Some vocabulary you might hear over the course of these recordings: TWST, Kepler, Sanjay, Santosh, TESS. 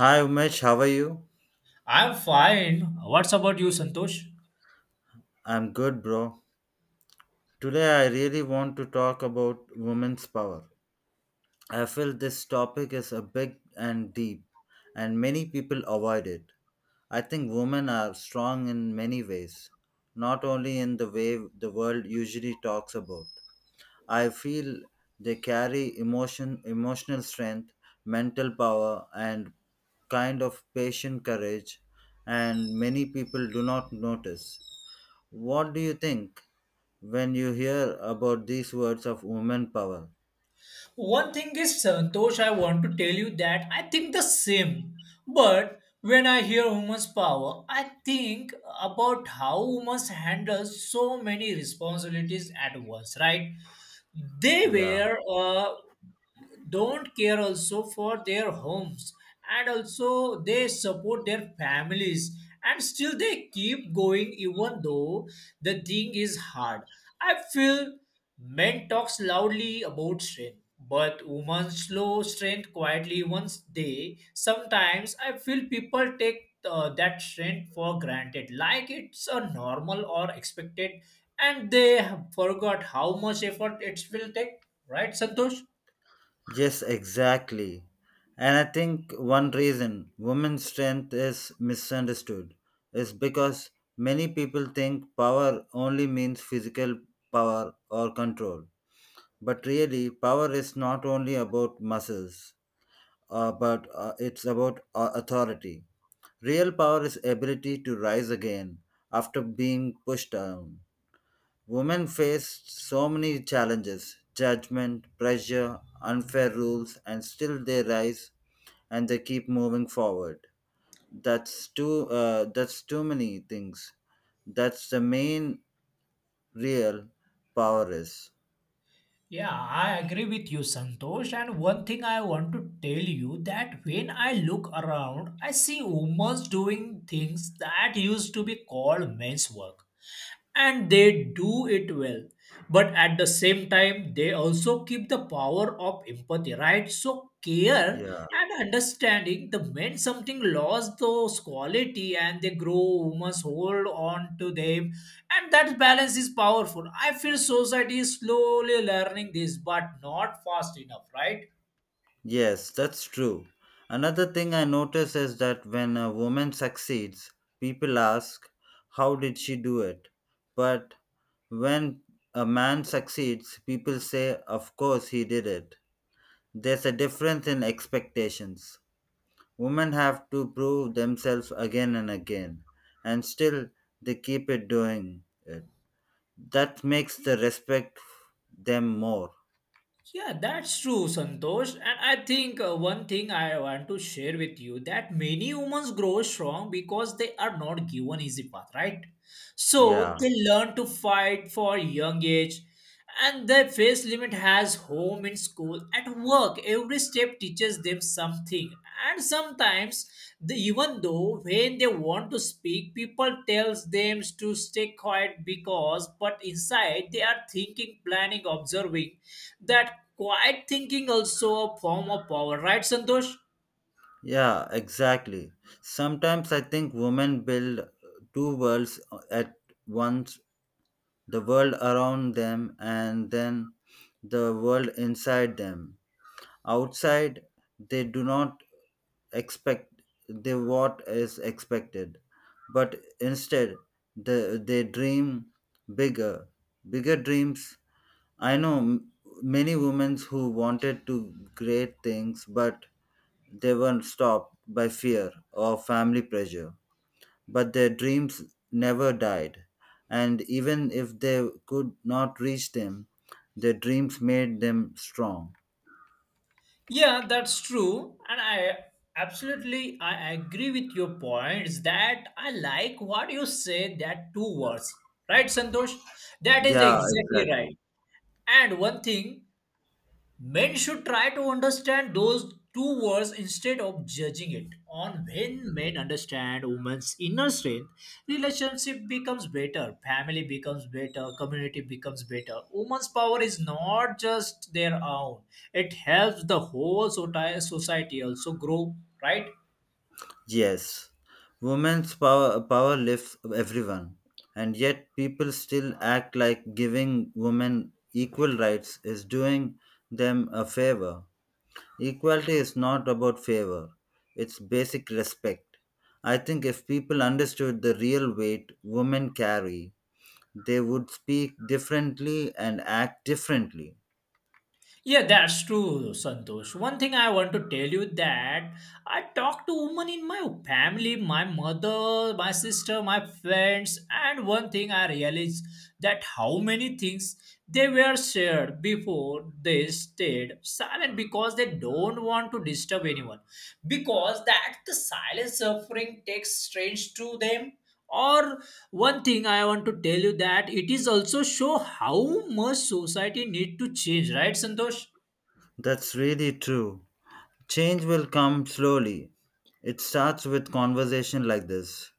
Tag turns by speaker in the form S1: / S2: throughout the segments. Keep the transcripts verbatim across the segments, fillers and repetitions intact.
S1: Hi Umesh, how are you?
S2: I'm fine. What's about you, Santosh?
S1: I'm good, bro. Today I really want to talk about women's power. I feel this topic is a big and deep, and many people avoid it. I think women are strong in many ways, not only in the way the world usually talks about. I feel they carry emotion, emotional strength, mental power, and kind of patient courage, and many people do not notice. What do you think when you hear about these words of women power?
S2: One thing is, Santosh, I want to tell you that I think the same. But when I hear women's power, I think about how women handle so many responsibilities at once, right? They
S1: Yeah.
S2: were uh, don't care also for their homes, and also they support their families, and still they keep going even though the thing is hard. I feel men talks loudly about strength, but women slow strength quietly. Once they sometimes, I feel people take uh, that strength for granted, like it's a normal or expected, and they have forgot how much effort it will take, right, Santosh?
S1: Yes, exactly. And I think one reason women's strength is misunderstood is because many people think power only means physical power or control. But really, power is not only about muscles, uh, but uh, it's about uh, authority. Real power is ability to rise again after being pushed down. Women faced so many challenges judgment, pressure, unfair rules, and still they rise and they keep moving forward. That's too, uh, that's too many things. That's the main real power is.
S2: Yeah, I agree with you, Santosh. And one thing I want to tell you that when I look around, I see women doing things that used to be called men's work, and they do it well, but at the same time they also keep the power of empathy, right? So care
S1: Yeah.
S2: and understanding, the men something lost those quality and they grow, women's hold on to them, and that balance is powerful. I feel society is slowly learning this, but not fast enough, right?
S1: Yes, that's true. Another thing I notice is that when a woman succeeds, people ask, how did she do it? But when a man succeeds, people say, of course he did it. There's a difference in expectations. Women have to prove themselves again and again, and still they keep it doing it. That makes the respect them more.
S2: Yeah, that's true, Santosh. And I think uh, one thing I want to share with you that many humans grow strong because they are not given easy path, right? So
S1: Yeah,
S2: they learn to fight for young age, and their face limit has home in school at work. Every step teaches them something, and sometimes the, even though when they want to speak, people tells them to stay quiet because, but inside they are thinking, planning, observing. That quiet thinking also a form of power, right, Santosh?
S1: yeah, exactly. Sometimes I think women build two worlds at once, the world around them and then the world inside them. Outside, they do not expect they what is expected, but instead the, they dream bigger, bigger dreams. I know m- many women who wanted to great things, but they were stopped by fear or family pressure, but their dreams never died, and even if they could not reach them, their dreams made them strong.
S2: Yeah, that's true. And I absolutely I agree with your points. That I like what you say, that two words. Right, Santosh? That is
S1: Yeah,
S2: exactly right.
S1: exactly.
S2: And one thing, men should try to understand those two words instead of judging it. On when men understand women's inner strength, relationship becomes better, family becomes better, community becomes better. Women's power is not just their own; it helps the whole soti- society also grow. Right?
S1: Yes, women's power power lifts everyone, and yet people still act like giving women equal rights is doing them a favor. Equality is not about favor; it's basic respect. I think if people understood the real weight women carry, they would speak differently and act differently.
S2: Yeah, that's true, Santosh. One thing I want to tell you that I talk to women in my family, my mother, my sister, my friends, and one thing I realized, that how many things they were shared before they stayed silent because they don't want to disturb anyone. Because that the silent suffering takes strange to them, or one thing I want to tell you that it is also show how much society need to change, right, Santosh?
S1: That's really true. Change will come slowly. It starts with conversation like this.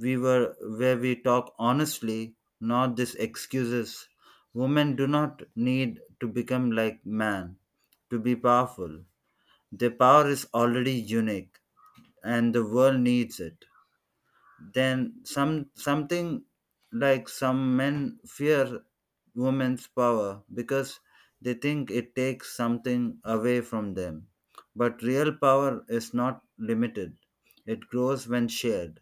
S1: We were where we talk honestly, not this excuses. Women do not need to become like man to be powerful. Their power is already unique and the world needs it. Then some something like some men fear women's power because they think it takes something away from them, but real power is not limited, it grows when shared.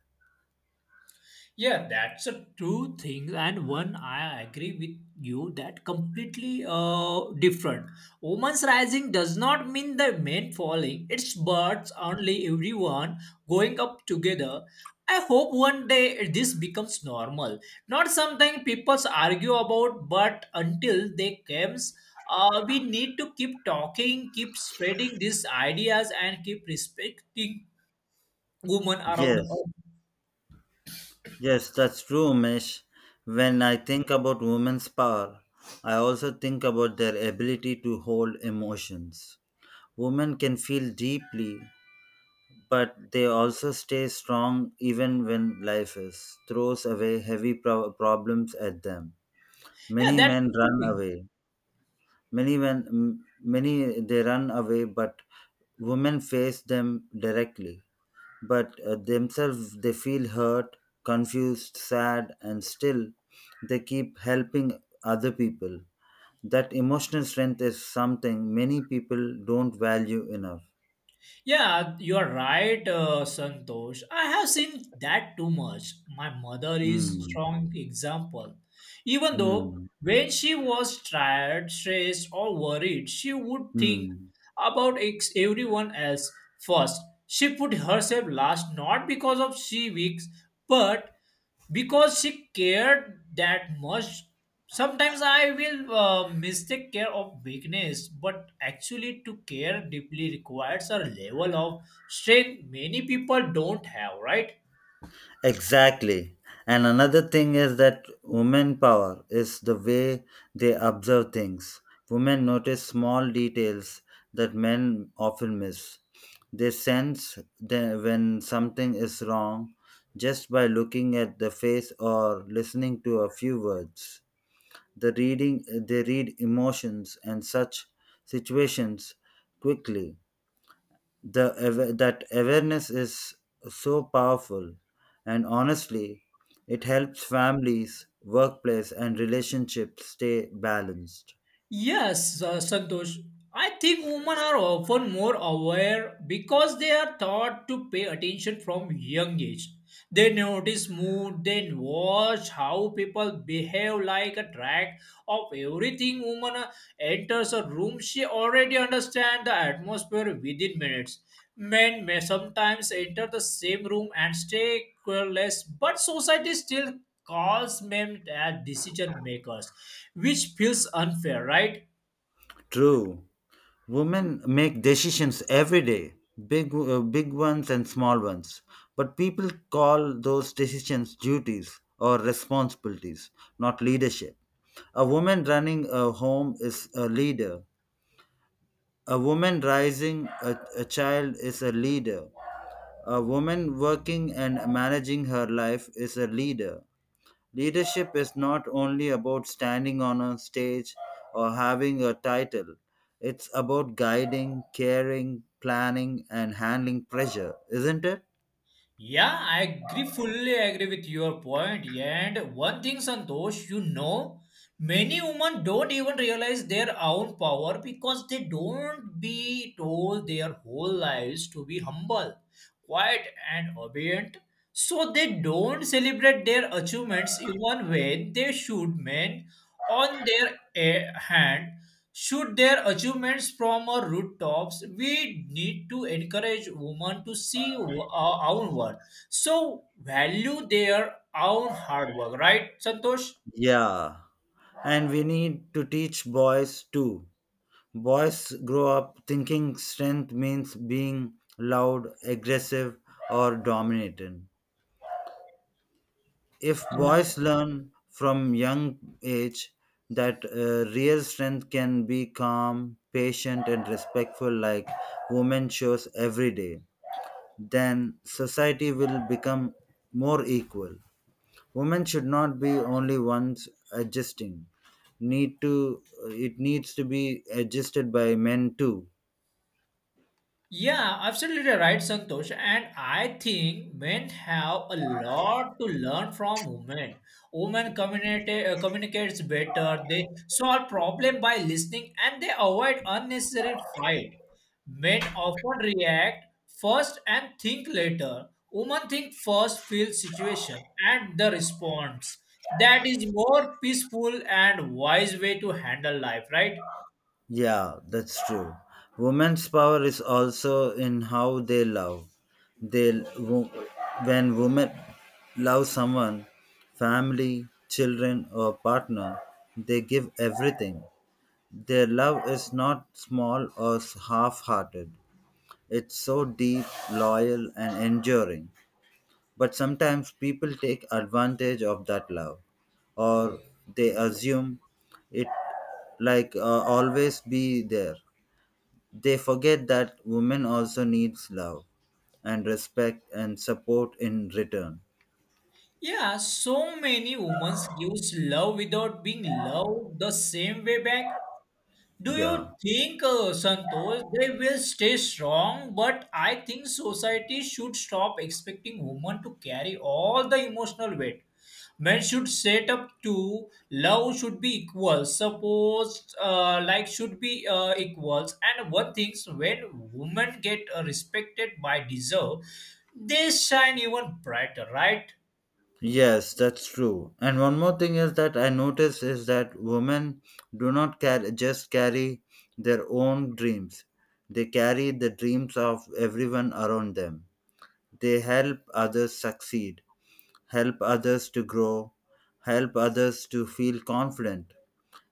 S2: Yeah, that's a true thing, and one I agree with you that completely uh, different. Woman's rising does not mean the men falling. It's birds only everyone going up together. I hope one day this becomes normal. Not something people argue about, but until they comes, uh, we need to keep talking, keep spreading these ideas, and keep respecting women around us.
S1: Yes, yes, that's true, Mesh. When I think about women's power, I also think about their ability to hold emotions. Women can feel deeply, but they also stay strong even when life is throws away heavy pro- problems at them.
S2: Yeah,
S1: Many
S2: that's
S1: men
S2: true
S1: run
S2: thing.
S1: away. Many men m- many they run away, but women face them directly, but uh, themselves they feel hurt, confused, sad, and still they keep helping other people. That emotional strength is something many people don't value enough.
S2: Yeah, you are right, uh, Santosh. I have seen that too much. My mother is
S1: Hmm.
S2: strong example. Even though
S1: Hmm.
S2: when she was tired, stressed, or worried, she would think
S1: Hmm.
S2: about ex- everyone else first. She put herself last, not because of she weak, but because she cared that much. Sometimes I will uh, mistake care of weakness, but actually to care deeply requires a level of strength many people don't have, right?
S1: Exactly. And another thing is that women power is the way they observe things. Women notice small details that men often miss. They sense the- when something is wrong just by looking at the face or listening to a few words. The reading they read emotions and such situations quickly. The awa- that awareness is so powerful, and honestly it helps families, workplace and relationships stay balanced.
S2: Yes, uh, Santosh. I think women are often more aware because they are taught to pay attention from young age. They notice mood, then watch how people behave, like a track of everything. Woman uh, enters a room, she already understands the atmosphere within minutes. Men may sometimes enter the same room and stay careless, but society still calls men as decision makers, which feels unfair, right?
S1: True, women make decisions every day, big uh, big ones and small ones, but people call those decisions duties or responsibilities, not leadership. A woman running a home is a leader, a woman raising a, a child is a leader. A woman working and managing her life is a leader. Leadership is not only about standing on a stage or having a title, it's about guiding, caring, planning, and handling pressure, isn't it?
S2: Yeah, I agree, fully agree with your point. And one thing, Santosh, you know, many women don't even realize their own power because they don't be told their whole lives to be humble, quiet, and obedient. So they don't celebrate their achievements even when they should. Men, on their eh, hand, should their achievements from our rooftops. We need to encourage women to see w- our own worth, so value their own hard work, right, Santosh?
S1: Yeah. And we need to teach boys too. Boys grow up thinking strength means being loud, aggressive, or dominant. If boys learn from young age that uh, real strength can be calm, patient and respectful like women shows every day, then society will become more equal. Women should not be only ones adjusting, need to, it needs to be adjusted by men too.
S2: Yeah, absolutely right, Santosh. And I think men have a lot to learn from women. Women communicate uh, communicates better. They solve problem by listening, and they avoid unnecessary fight. Men often react first and think later. Women think first, feel situation, and the response. That is more peaceful and wise way to handle life, right?
S1: Yeah, that's true. Women's power is also in how they love. They wo- when women love someone, family, children or partner, they give everything. Their love is not small or half-hearted. It's so deep, loyal and enduring. But sometimes people take advantage of that love, or they assume it, like uh, always be there. They forget that women also needs love and respect and support in return.
S2: Yeah, so many women gives love without being loved the same way back. Do you
S1: Yeah.
S2: think, uh, Santosh, they will stay strong? But I think society should stop expecting women to carry all the emotional weight. Men should set up to love should be equal. Suppose, uh, like should be uh, equals. And one things, when women get uh, respected by deserve, they shine even brighter, right?
S1: Yes, that's true. And one more thing is that I notice is that women do not carry, just carry their own dreams. They carry the dreams of everyone around them. They help others succeed, help others to grow, help others to feel confident.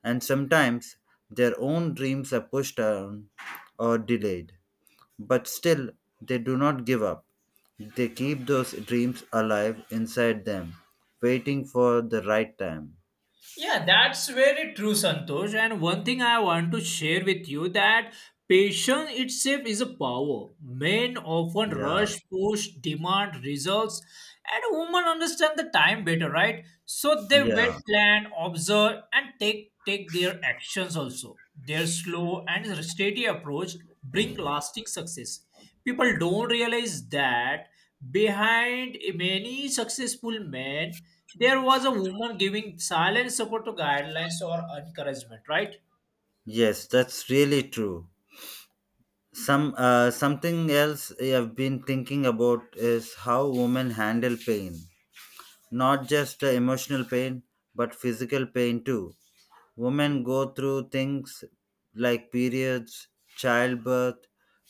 S1: And sometimes their own dreams are pushed down or delayed. But still, they do not give up. They keep those dreams alive inside them, waiting for the right time.
S2: Yeah, that's very true, Santosh. And one thing I want to share with you that patience itself is a power. Men often
S1: Yeah,
S2: rush, push, demand results, and women understand the time better, right? So they wait,
S1: yeah.
S2: plan, observe, and take take their actions also. Their slow and steady approach bring lasting success. People don't realize that behind many successful men, there was a woman giving silent support to guidelines or encouragement, right?
S1: Yes, that's really true. Some uh, something else I've been thinking about is how women handle pain. Not just uh, emotional pain, but physical pain too. Women go through things like periods, childbirth,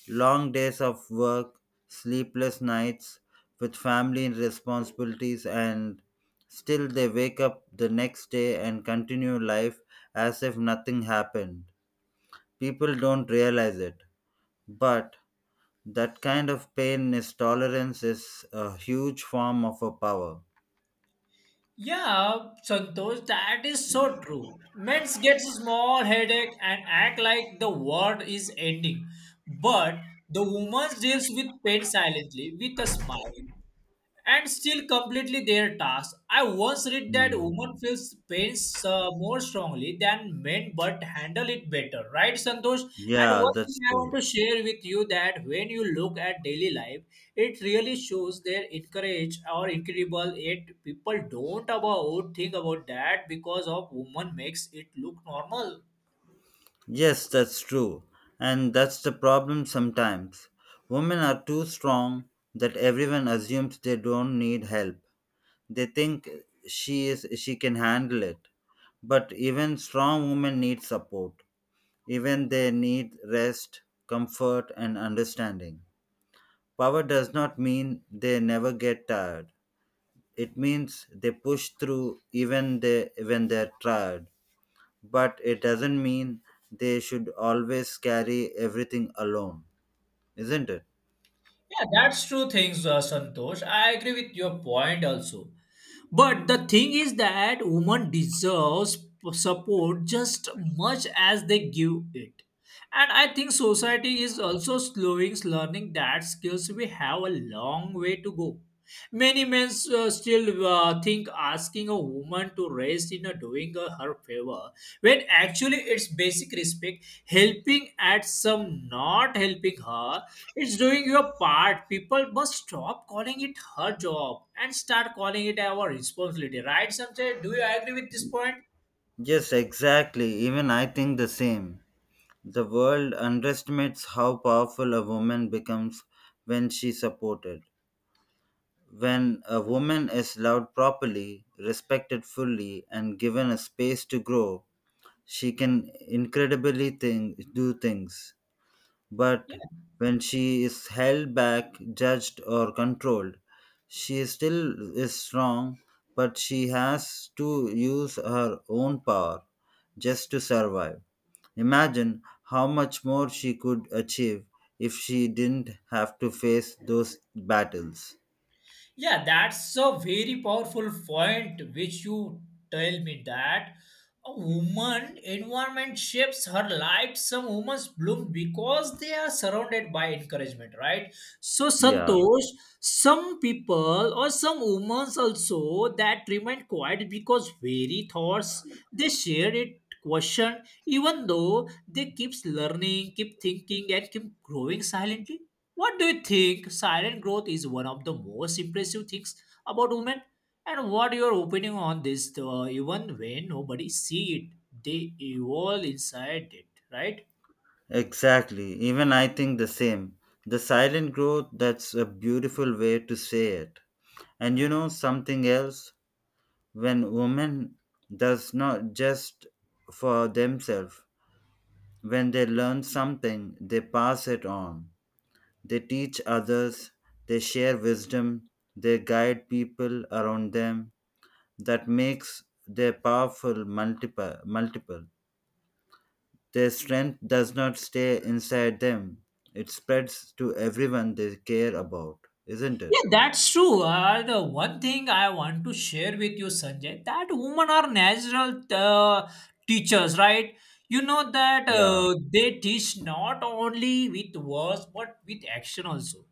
S1: long days of work, sleepless nights with family responsibilities, and still they wake up the next day and continue life as if nothing happened. People don't realize it, but that kind of pain is tolerance is a huge form of a power.
S2: Yeah, Santosh, that is so true. Men get small headache and act like the world is ending, but the woman deals with pain silently with a smile, and still completely their task. I once read that
S1: Mm.
S2: women feels pains uh, more strongly than men but handle it better, right, Santosh? And
S1: Yeah,
S2: what
S1: that's
S2: I want
S1: true.
S2: to share with you that when you look at daily life, it really shows their encourage or incredible. It, people don't about think about that because of woman makes it look normal.
S1: Yes, that's true. And that's the problem sometimes. Women are too strong that everyone assumes they don't need help. They think she is she can handle it. But even strong women need support. Even they need rest, comfort and understanding. Power does not mean they never get tired. It means they push through even they when they're tired, but it doesn't mean they should always carry everything alone, isn't it?
S2: Yeah, that's true things, uh, Santosh. I agree with your point also. But the thing is that women deserves support just much as they give it. And I think society is also slowing learning that skills. We have a long way to go. Many men uh, still uh, think asking a woman want to rest in a doing a her favor, when actually it's basic respect. Helping at some, not helping her, it's doing your part. People must stop calling it her job and start calling it our responsibility, right, Sanjay? Do you agree with this point?
S1: Yes, exactly. Even I think the same. The world underestimates how powerful a woman becomes when she's supported. When a woman is loved properly, respected fully, and given a space to grow, she can incredibly thing, do things. But when she is held back, judged, or controlled, she still is strong, but she has to use her own power just to survive. Imagine how much more she could achieve if she didn't have to face those battles.
S2: Yeah, that's a very powerful point, which you tell me that a woman environment shapes her life. Some women bloom because they are surrounded by encouragement, right? So
S1: Yeah,
S2: Santosh, some people or some women also that remain quiet because very thoughts they share it question, even though they keeps learning, keep thinking, and keep growing silently. What do you think? Silent growth is one of the most impressive things about women. And what your opinion on this? Uh, even when nobody see it, they evolve inside it, right?
S1: exactly. Even I think the same. The silent growth, that's a beautiful way to say it. And you know something else? When women does not just for themselves, when they learn something they pass it on, they teach others, they share wisdom, they guide people around them. That makes their powerful multiple multiple. Their strength does not stay inside them, it spreads to everyone they care about, isn't it?
S2: Yeah, that's true. Uh, the one thing I want to share with you, Sanjay, that women are natural uh, teachers, right? You know that
S1: Yeah.
S2: uh, they teach not only with words but with action also.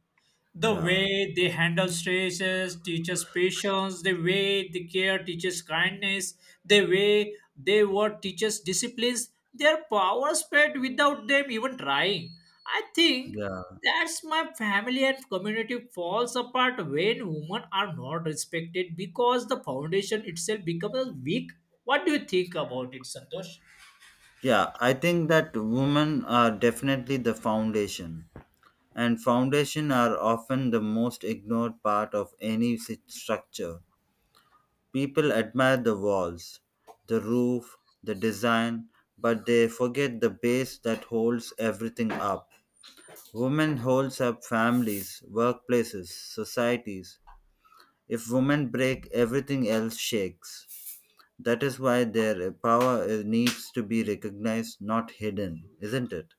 S2: The
S1: Yeah.
S2: way they handle stresses teaches patience. The way they care teaches kindness. The way they work teaches disciplines. Their power spread without them even trying. I think
S1: yeah
S2: that's my family and community falls apart when women are not respected because the foundation itself becomes weak. What do you think about it, Santosh?
S1: yeah I think that women are definitely the foundation, and foundation are often the most ignored part of any si- structure. People admire the walls, the roof, the design, but they forget the base that holds everything up. Women holds up families, workplaces, societies. If women break, everything else shakes. That is why their power uh, needs to be recognized, not hidden, isn't it?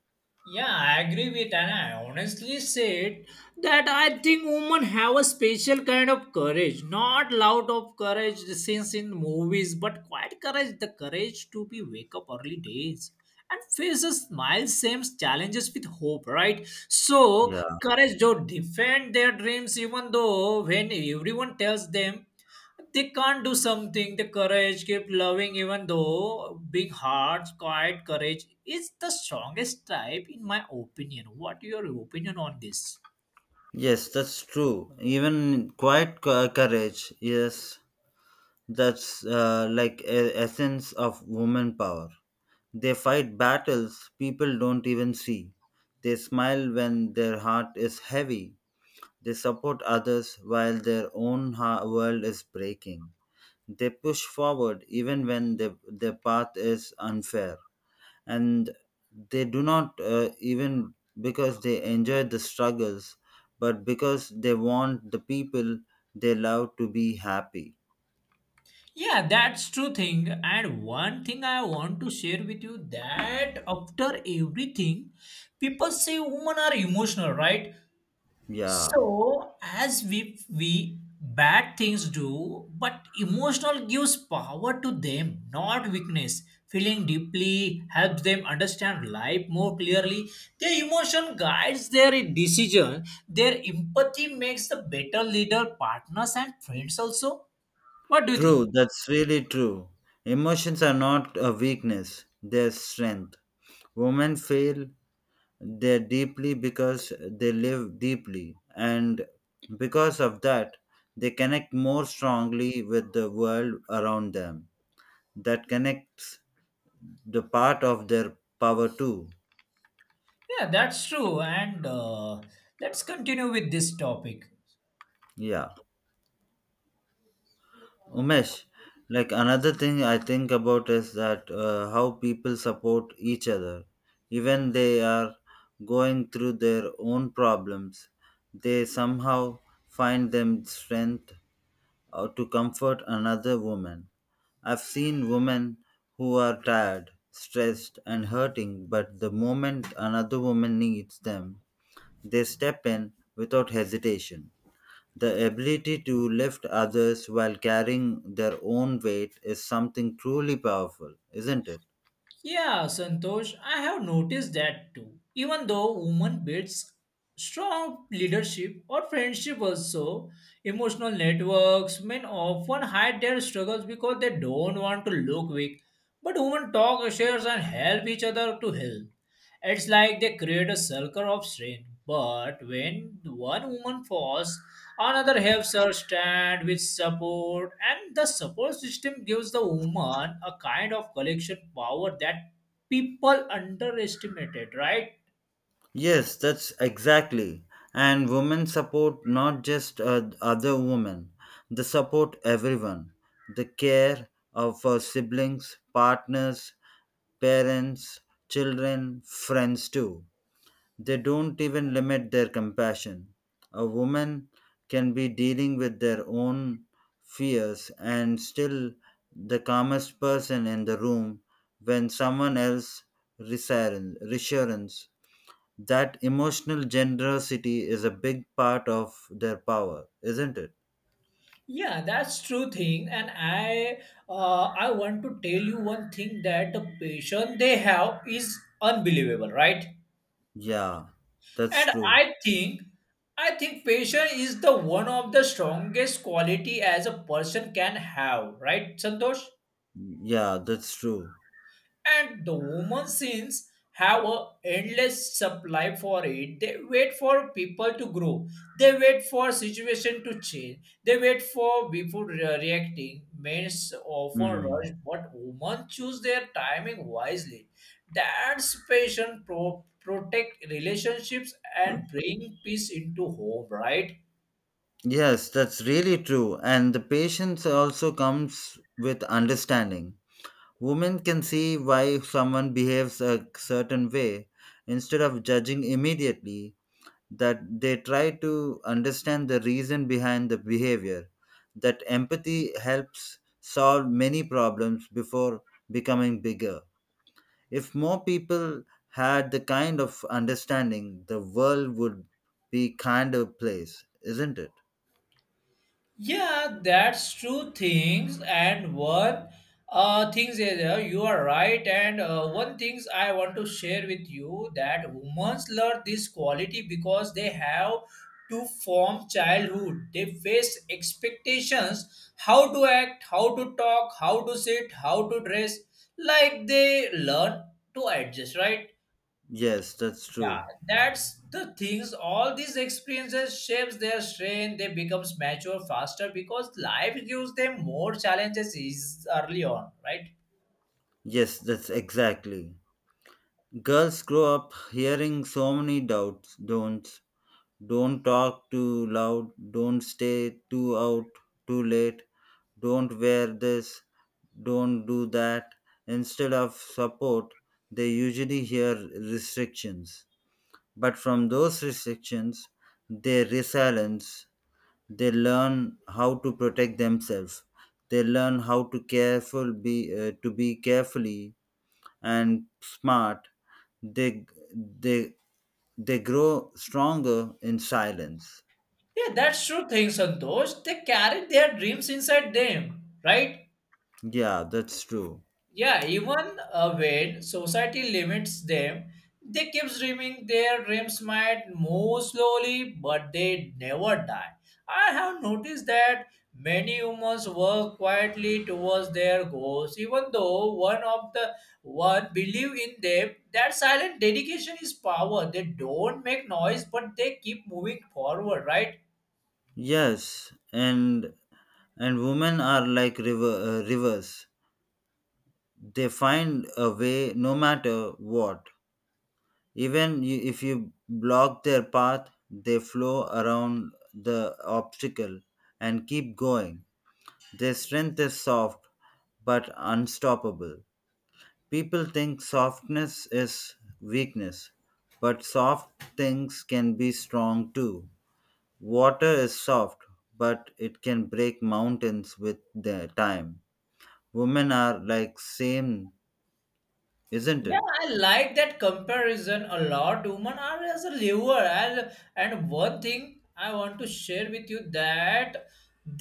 S2: Yeah, I agree with, and I honestly said that I think women have a special kind of courage, not loud of courage since in movies, but quiet courage, the courage to be wake up early days and face a smile same challenges with hope, right? So
S1: Yeah.
S2: courage to defend their dreams even though when everyone tells them they can't do something. The courage keep loving, even though big hearts, quiet courage is the strongest type, in my opinion. What your opinion on this?
S1: Yes, that's true. Even quiet co- courage. Yes, that's uh, like a essence of woman power. They fight battles people don't even see. They smile when their heart is heavy. They support others while their own ha- world is breaking. They push forward even when the, their path is unfair, and they do not uh, even because they enjoy the struggles, but because they want the people they love to be happy.
S2: Yeah, that's true thing. And one thing I want to share with you that after everything, people say women are emotional, right?
S1: Yeah,
S2: So, as we we bad things do, but emotional gives power to them, not weakness. Feeling deeply helps them understand life more clearly. Their emotion guides their decision. Their empathy makes the better leader, partners, and friends also. What do you
S1: true,
S2: think?
S1: that's really true. Emotions are not a weakness, they're strength. Women feel they deeply because they live deeply, and because of that they connect more strongly with the world around them. That connects the part of their power too.
S2: Yeah, that's true. And uh, let's continue with this topic.
S1: Yeah, Umesh. Like another thing I think about is that uh, how people support each other, even they are going through their own problems, they somehow find them strength uh, to comfort another woman. I've seen women who are tired, stressed, and hurting, but the moment another woman needs them, they step in without hesitation. The ability to lift others while carrying their own weight is something truly powerful, isn't it?
S2: Yeah, Santosh, I have noticed that too. Even though women builds strong leadership or friendship also, emotional networks, men often hide their struggles because they don't want to look weak. But women talk, shares and help each other to help. It's like they create a circle of strength. But when one woman falls, another helps her stand with support, and the support system gives the woman a kind of collection power that people underestimated, right?
S1: Yes, that's exactly. And women support not just uh, other women, they support everyone. The care of uh, siblings, partners, parents, children, friends too. They don't even limit their compassion. A woman can be dealing with their own fears and still the calmest person in the room when someone else reassurance. reassurance. That emotional generosity is a big part of their power, isn't it?
S2: Yeah, that's true thing, and I uh, I want to tell you one thing that the passion they have is unbelievable, right?
S1: Yeah, that's
S2: And
S1: true.
S2: I think I think passion is the one of the strongest quality as a person can have, right, Santosh?
S1: Yeah, that's true.
S2: And the woman since have a endless supply for it. They wait for people to grow, they wait for situation to change, they wait for before re- reacting. Men often
S1: Mm.
S2: rush, but women choose their timing wisely. That's patient, pro- protect relationships and bring peace into home, right?
S1: Yes, that's really true. And the patience also comes with understanding. Women can see why someone behaves a certain way instead of judging immediately, that they try to understand the reason behind the behavior. That empathy helps solve many problems before becoming bigger. If more people had the kind of understanding, the world would be kinder place, isn't it?
S2: Yeah, that's true things, and one uh things is, uh, you are right, and uh, one things I want to share with you that women learn this quality because they have to form childhood. They face expectations how to act, how to talk, how to sit, how to dress. Like they learn to adjust, right?
S1: Yes, that's
S2: Yeah,
S1: true.
S2: that's the things. All these experiences shapes their strength. They becomes mature faster because life gives them more challenges is early on, right?
S1: Yes, that's exactly. Girls grow up hearing so many doubts, don'ts, don't talk too loud, don't stay too out too late, don't wear this, don't do that. Instead of support, they usually hear restrictions. But from those restrictions, they resilience, they learn how to protect themselves, they learn how to careful be uh, to be carefully and smart, they they they grow stronger in silence.
S2: Yeah, that's true thing, Santosh. They carry their dreams inside them, right?
S1: Yeah, that's true.
S2: Yeah, even uh, when society limits them, they keep dreaming. Their dreams might move slowly, but they never die. I have noticed that many humans work quietly towards their goals, even though one of the one believe in them. That silent dedication is power. They don't make noise, but they keep moving forward, right?
S1: Yes, and and women are like river uh, rivers. They find a way no matter what. Even you, if you block their path, they flow around the obstacle and keep going. Their strength is soft but unstoppable. People think softness is weakness, but soft things can be strong too. Water is soft, but it can break mountains with the time. Women are like same, isn't
S2: Yeah,
S1: it?
S2: I like that comparison a lot. Women are as a liver, and and one thing I want to share with you that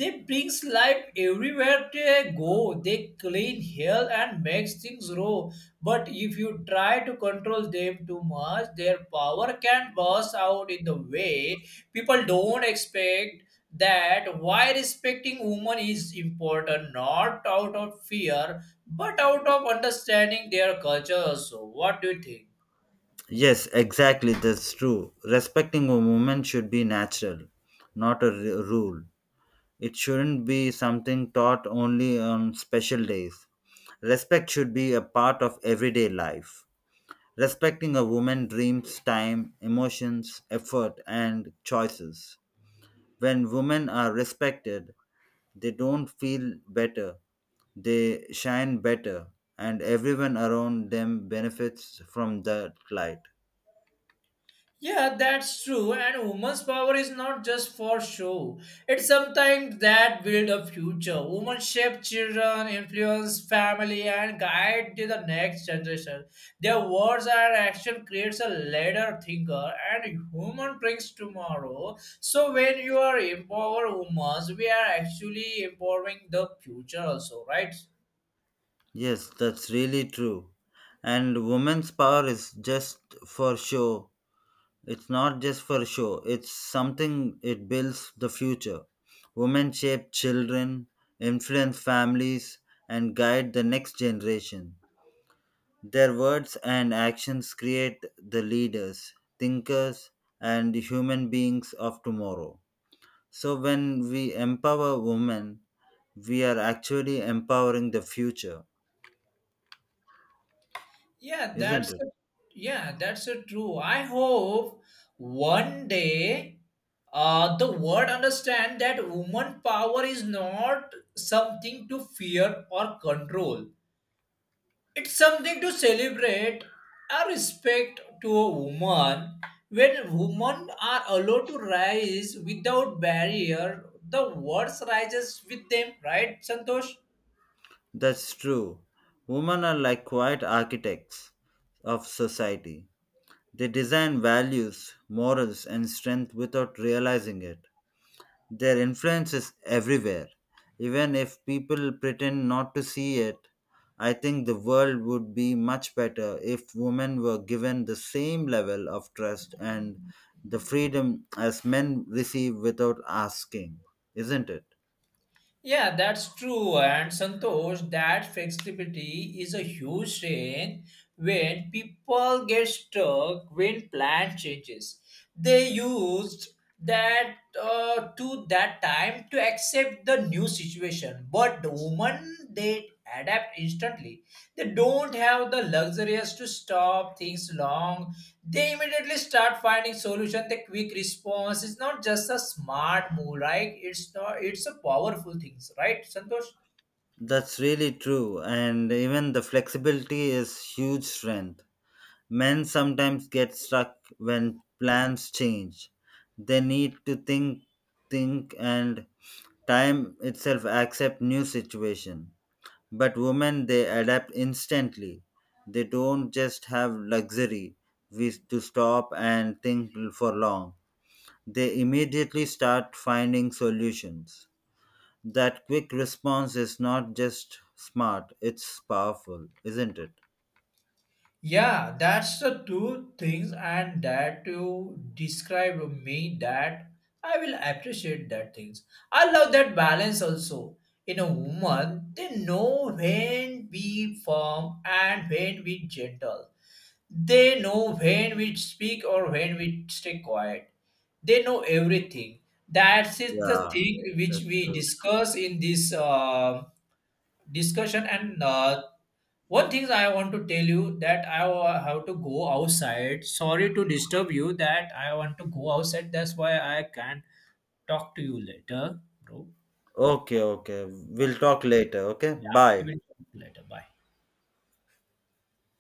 S2: they brings life everywhere they go. They clean hell and makes things grow. But if you try to control them too much, their power can burst out in the way people don't expect. That why respecting women is important, not out of fear but out of understanding their culture also. What do you think?
S1: Yes, exactly. That's true. Respecting a woman should be natural, not a r- rule. It shouldn't be something taught only on special days. Respect should be a part of everyday life. Respecting a woman's dreams, time, emotions, effort, and choices. When women are respected, they don't feel better, they shine better, and everyone around them benefits from that light.
S2: Yeah, that's true, and women's power is not just for show, it's sometimes that build a future. Women shape children, influence family, and guide to the next generation. Their words and action creates a leader, thinker, and human brings tomorrow. So when you are empower women, we are actually empowering the future also, right?
S1: Yes, that's really true. And women's power is just for show. It's not just for show, it's something it builds the future. Women shape children, influence families, and guide the next generation. Their words and actions create the leaders, thinkers, and human beings of tomorrow. So, when we empower women, we are actually empowering the future,
S2: Yeah,
S1: isn't
S2: that's
S1: it?
S2: a, yeah, that's a true. I hope one day uh, the world understand that woman power is not something to fear or control. It's something to celebrate a respect to a woman. When women are allowed to rise without barrier, the world rises with them, right, Santosh?
S1: That's true. Women are like quiet architects of society. They design values, morals, and strength without realizing it. Their influence is everywhere. Even if people pretend not to see it, I think the world would be much better if women were given the same level of trust and the freedom as men receive without asking, isn't it?
S2: Yeah, that's true. And Santosh, that flexibility is a huge strength when people get stuck when plan changes. They used that uh, to that time to accept the new situation, but the woman they adapt instantly. They don't have the luxurious to stop things long, they immediately start finding solution. The quick response is not just a smart move, right? It's not, it's a powerful things, right, Santosh?
S1: That's really true, and even the flexibility is huge strength. Men sometimes get stuck when plans change. They need to think, think, and time itself accept new situation. But women, they adapt instantly. They don't just have luxury with- to stop and think for long. They immediately start finding solutions. That quick response is not just smart, it's powerful, isn't it?
S2: Yeah, that's the two things, and that you describe me that I will appreciate that things. I love that balance also in a woman. They know when we firm and when we gentle. They know when we speak or when we stay quiet. They know everything. That is the
S1: Yeah,
S2: thing which
S1: that's
S2: we
S1: true.
S2: discuss in this uh, discussion. And uh, one thing I want to tell you that I wa- have to go outside. Sorry to disturb you. That I want to go outside. That's why I can't talk to you later, bro.
S1: Okay, okay. We'll talk later, okay?
S2: Yeah, we
S1: Bye.
S2: will talk later. Bye.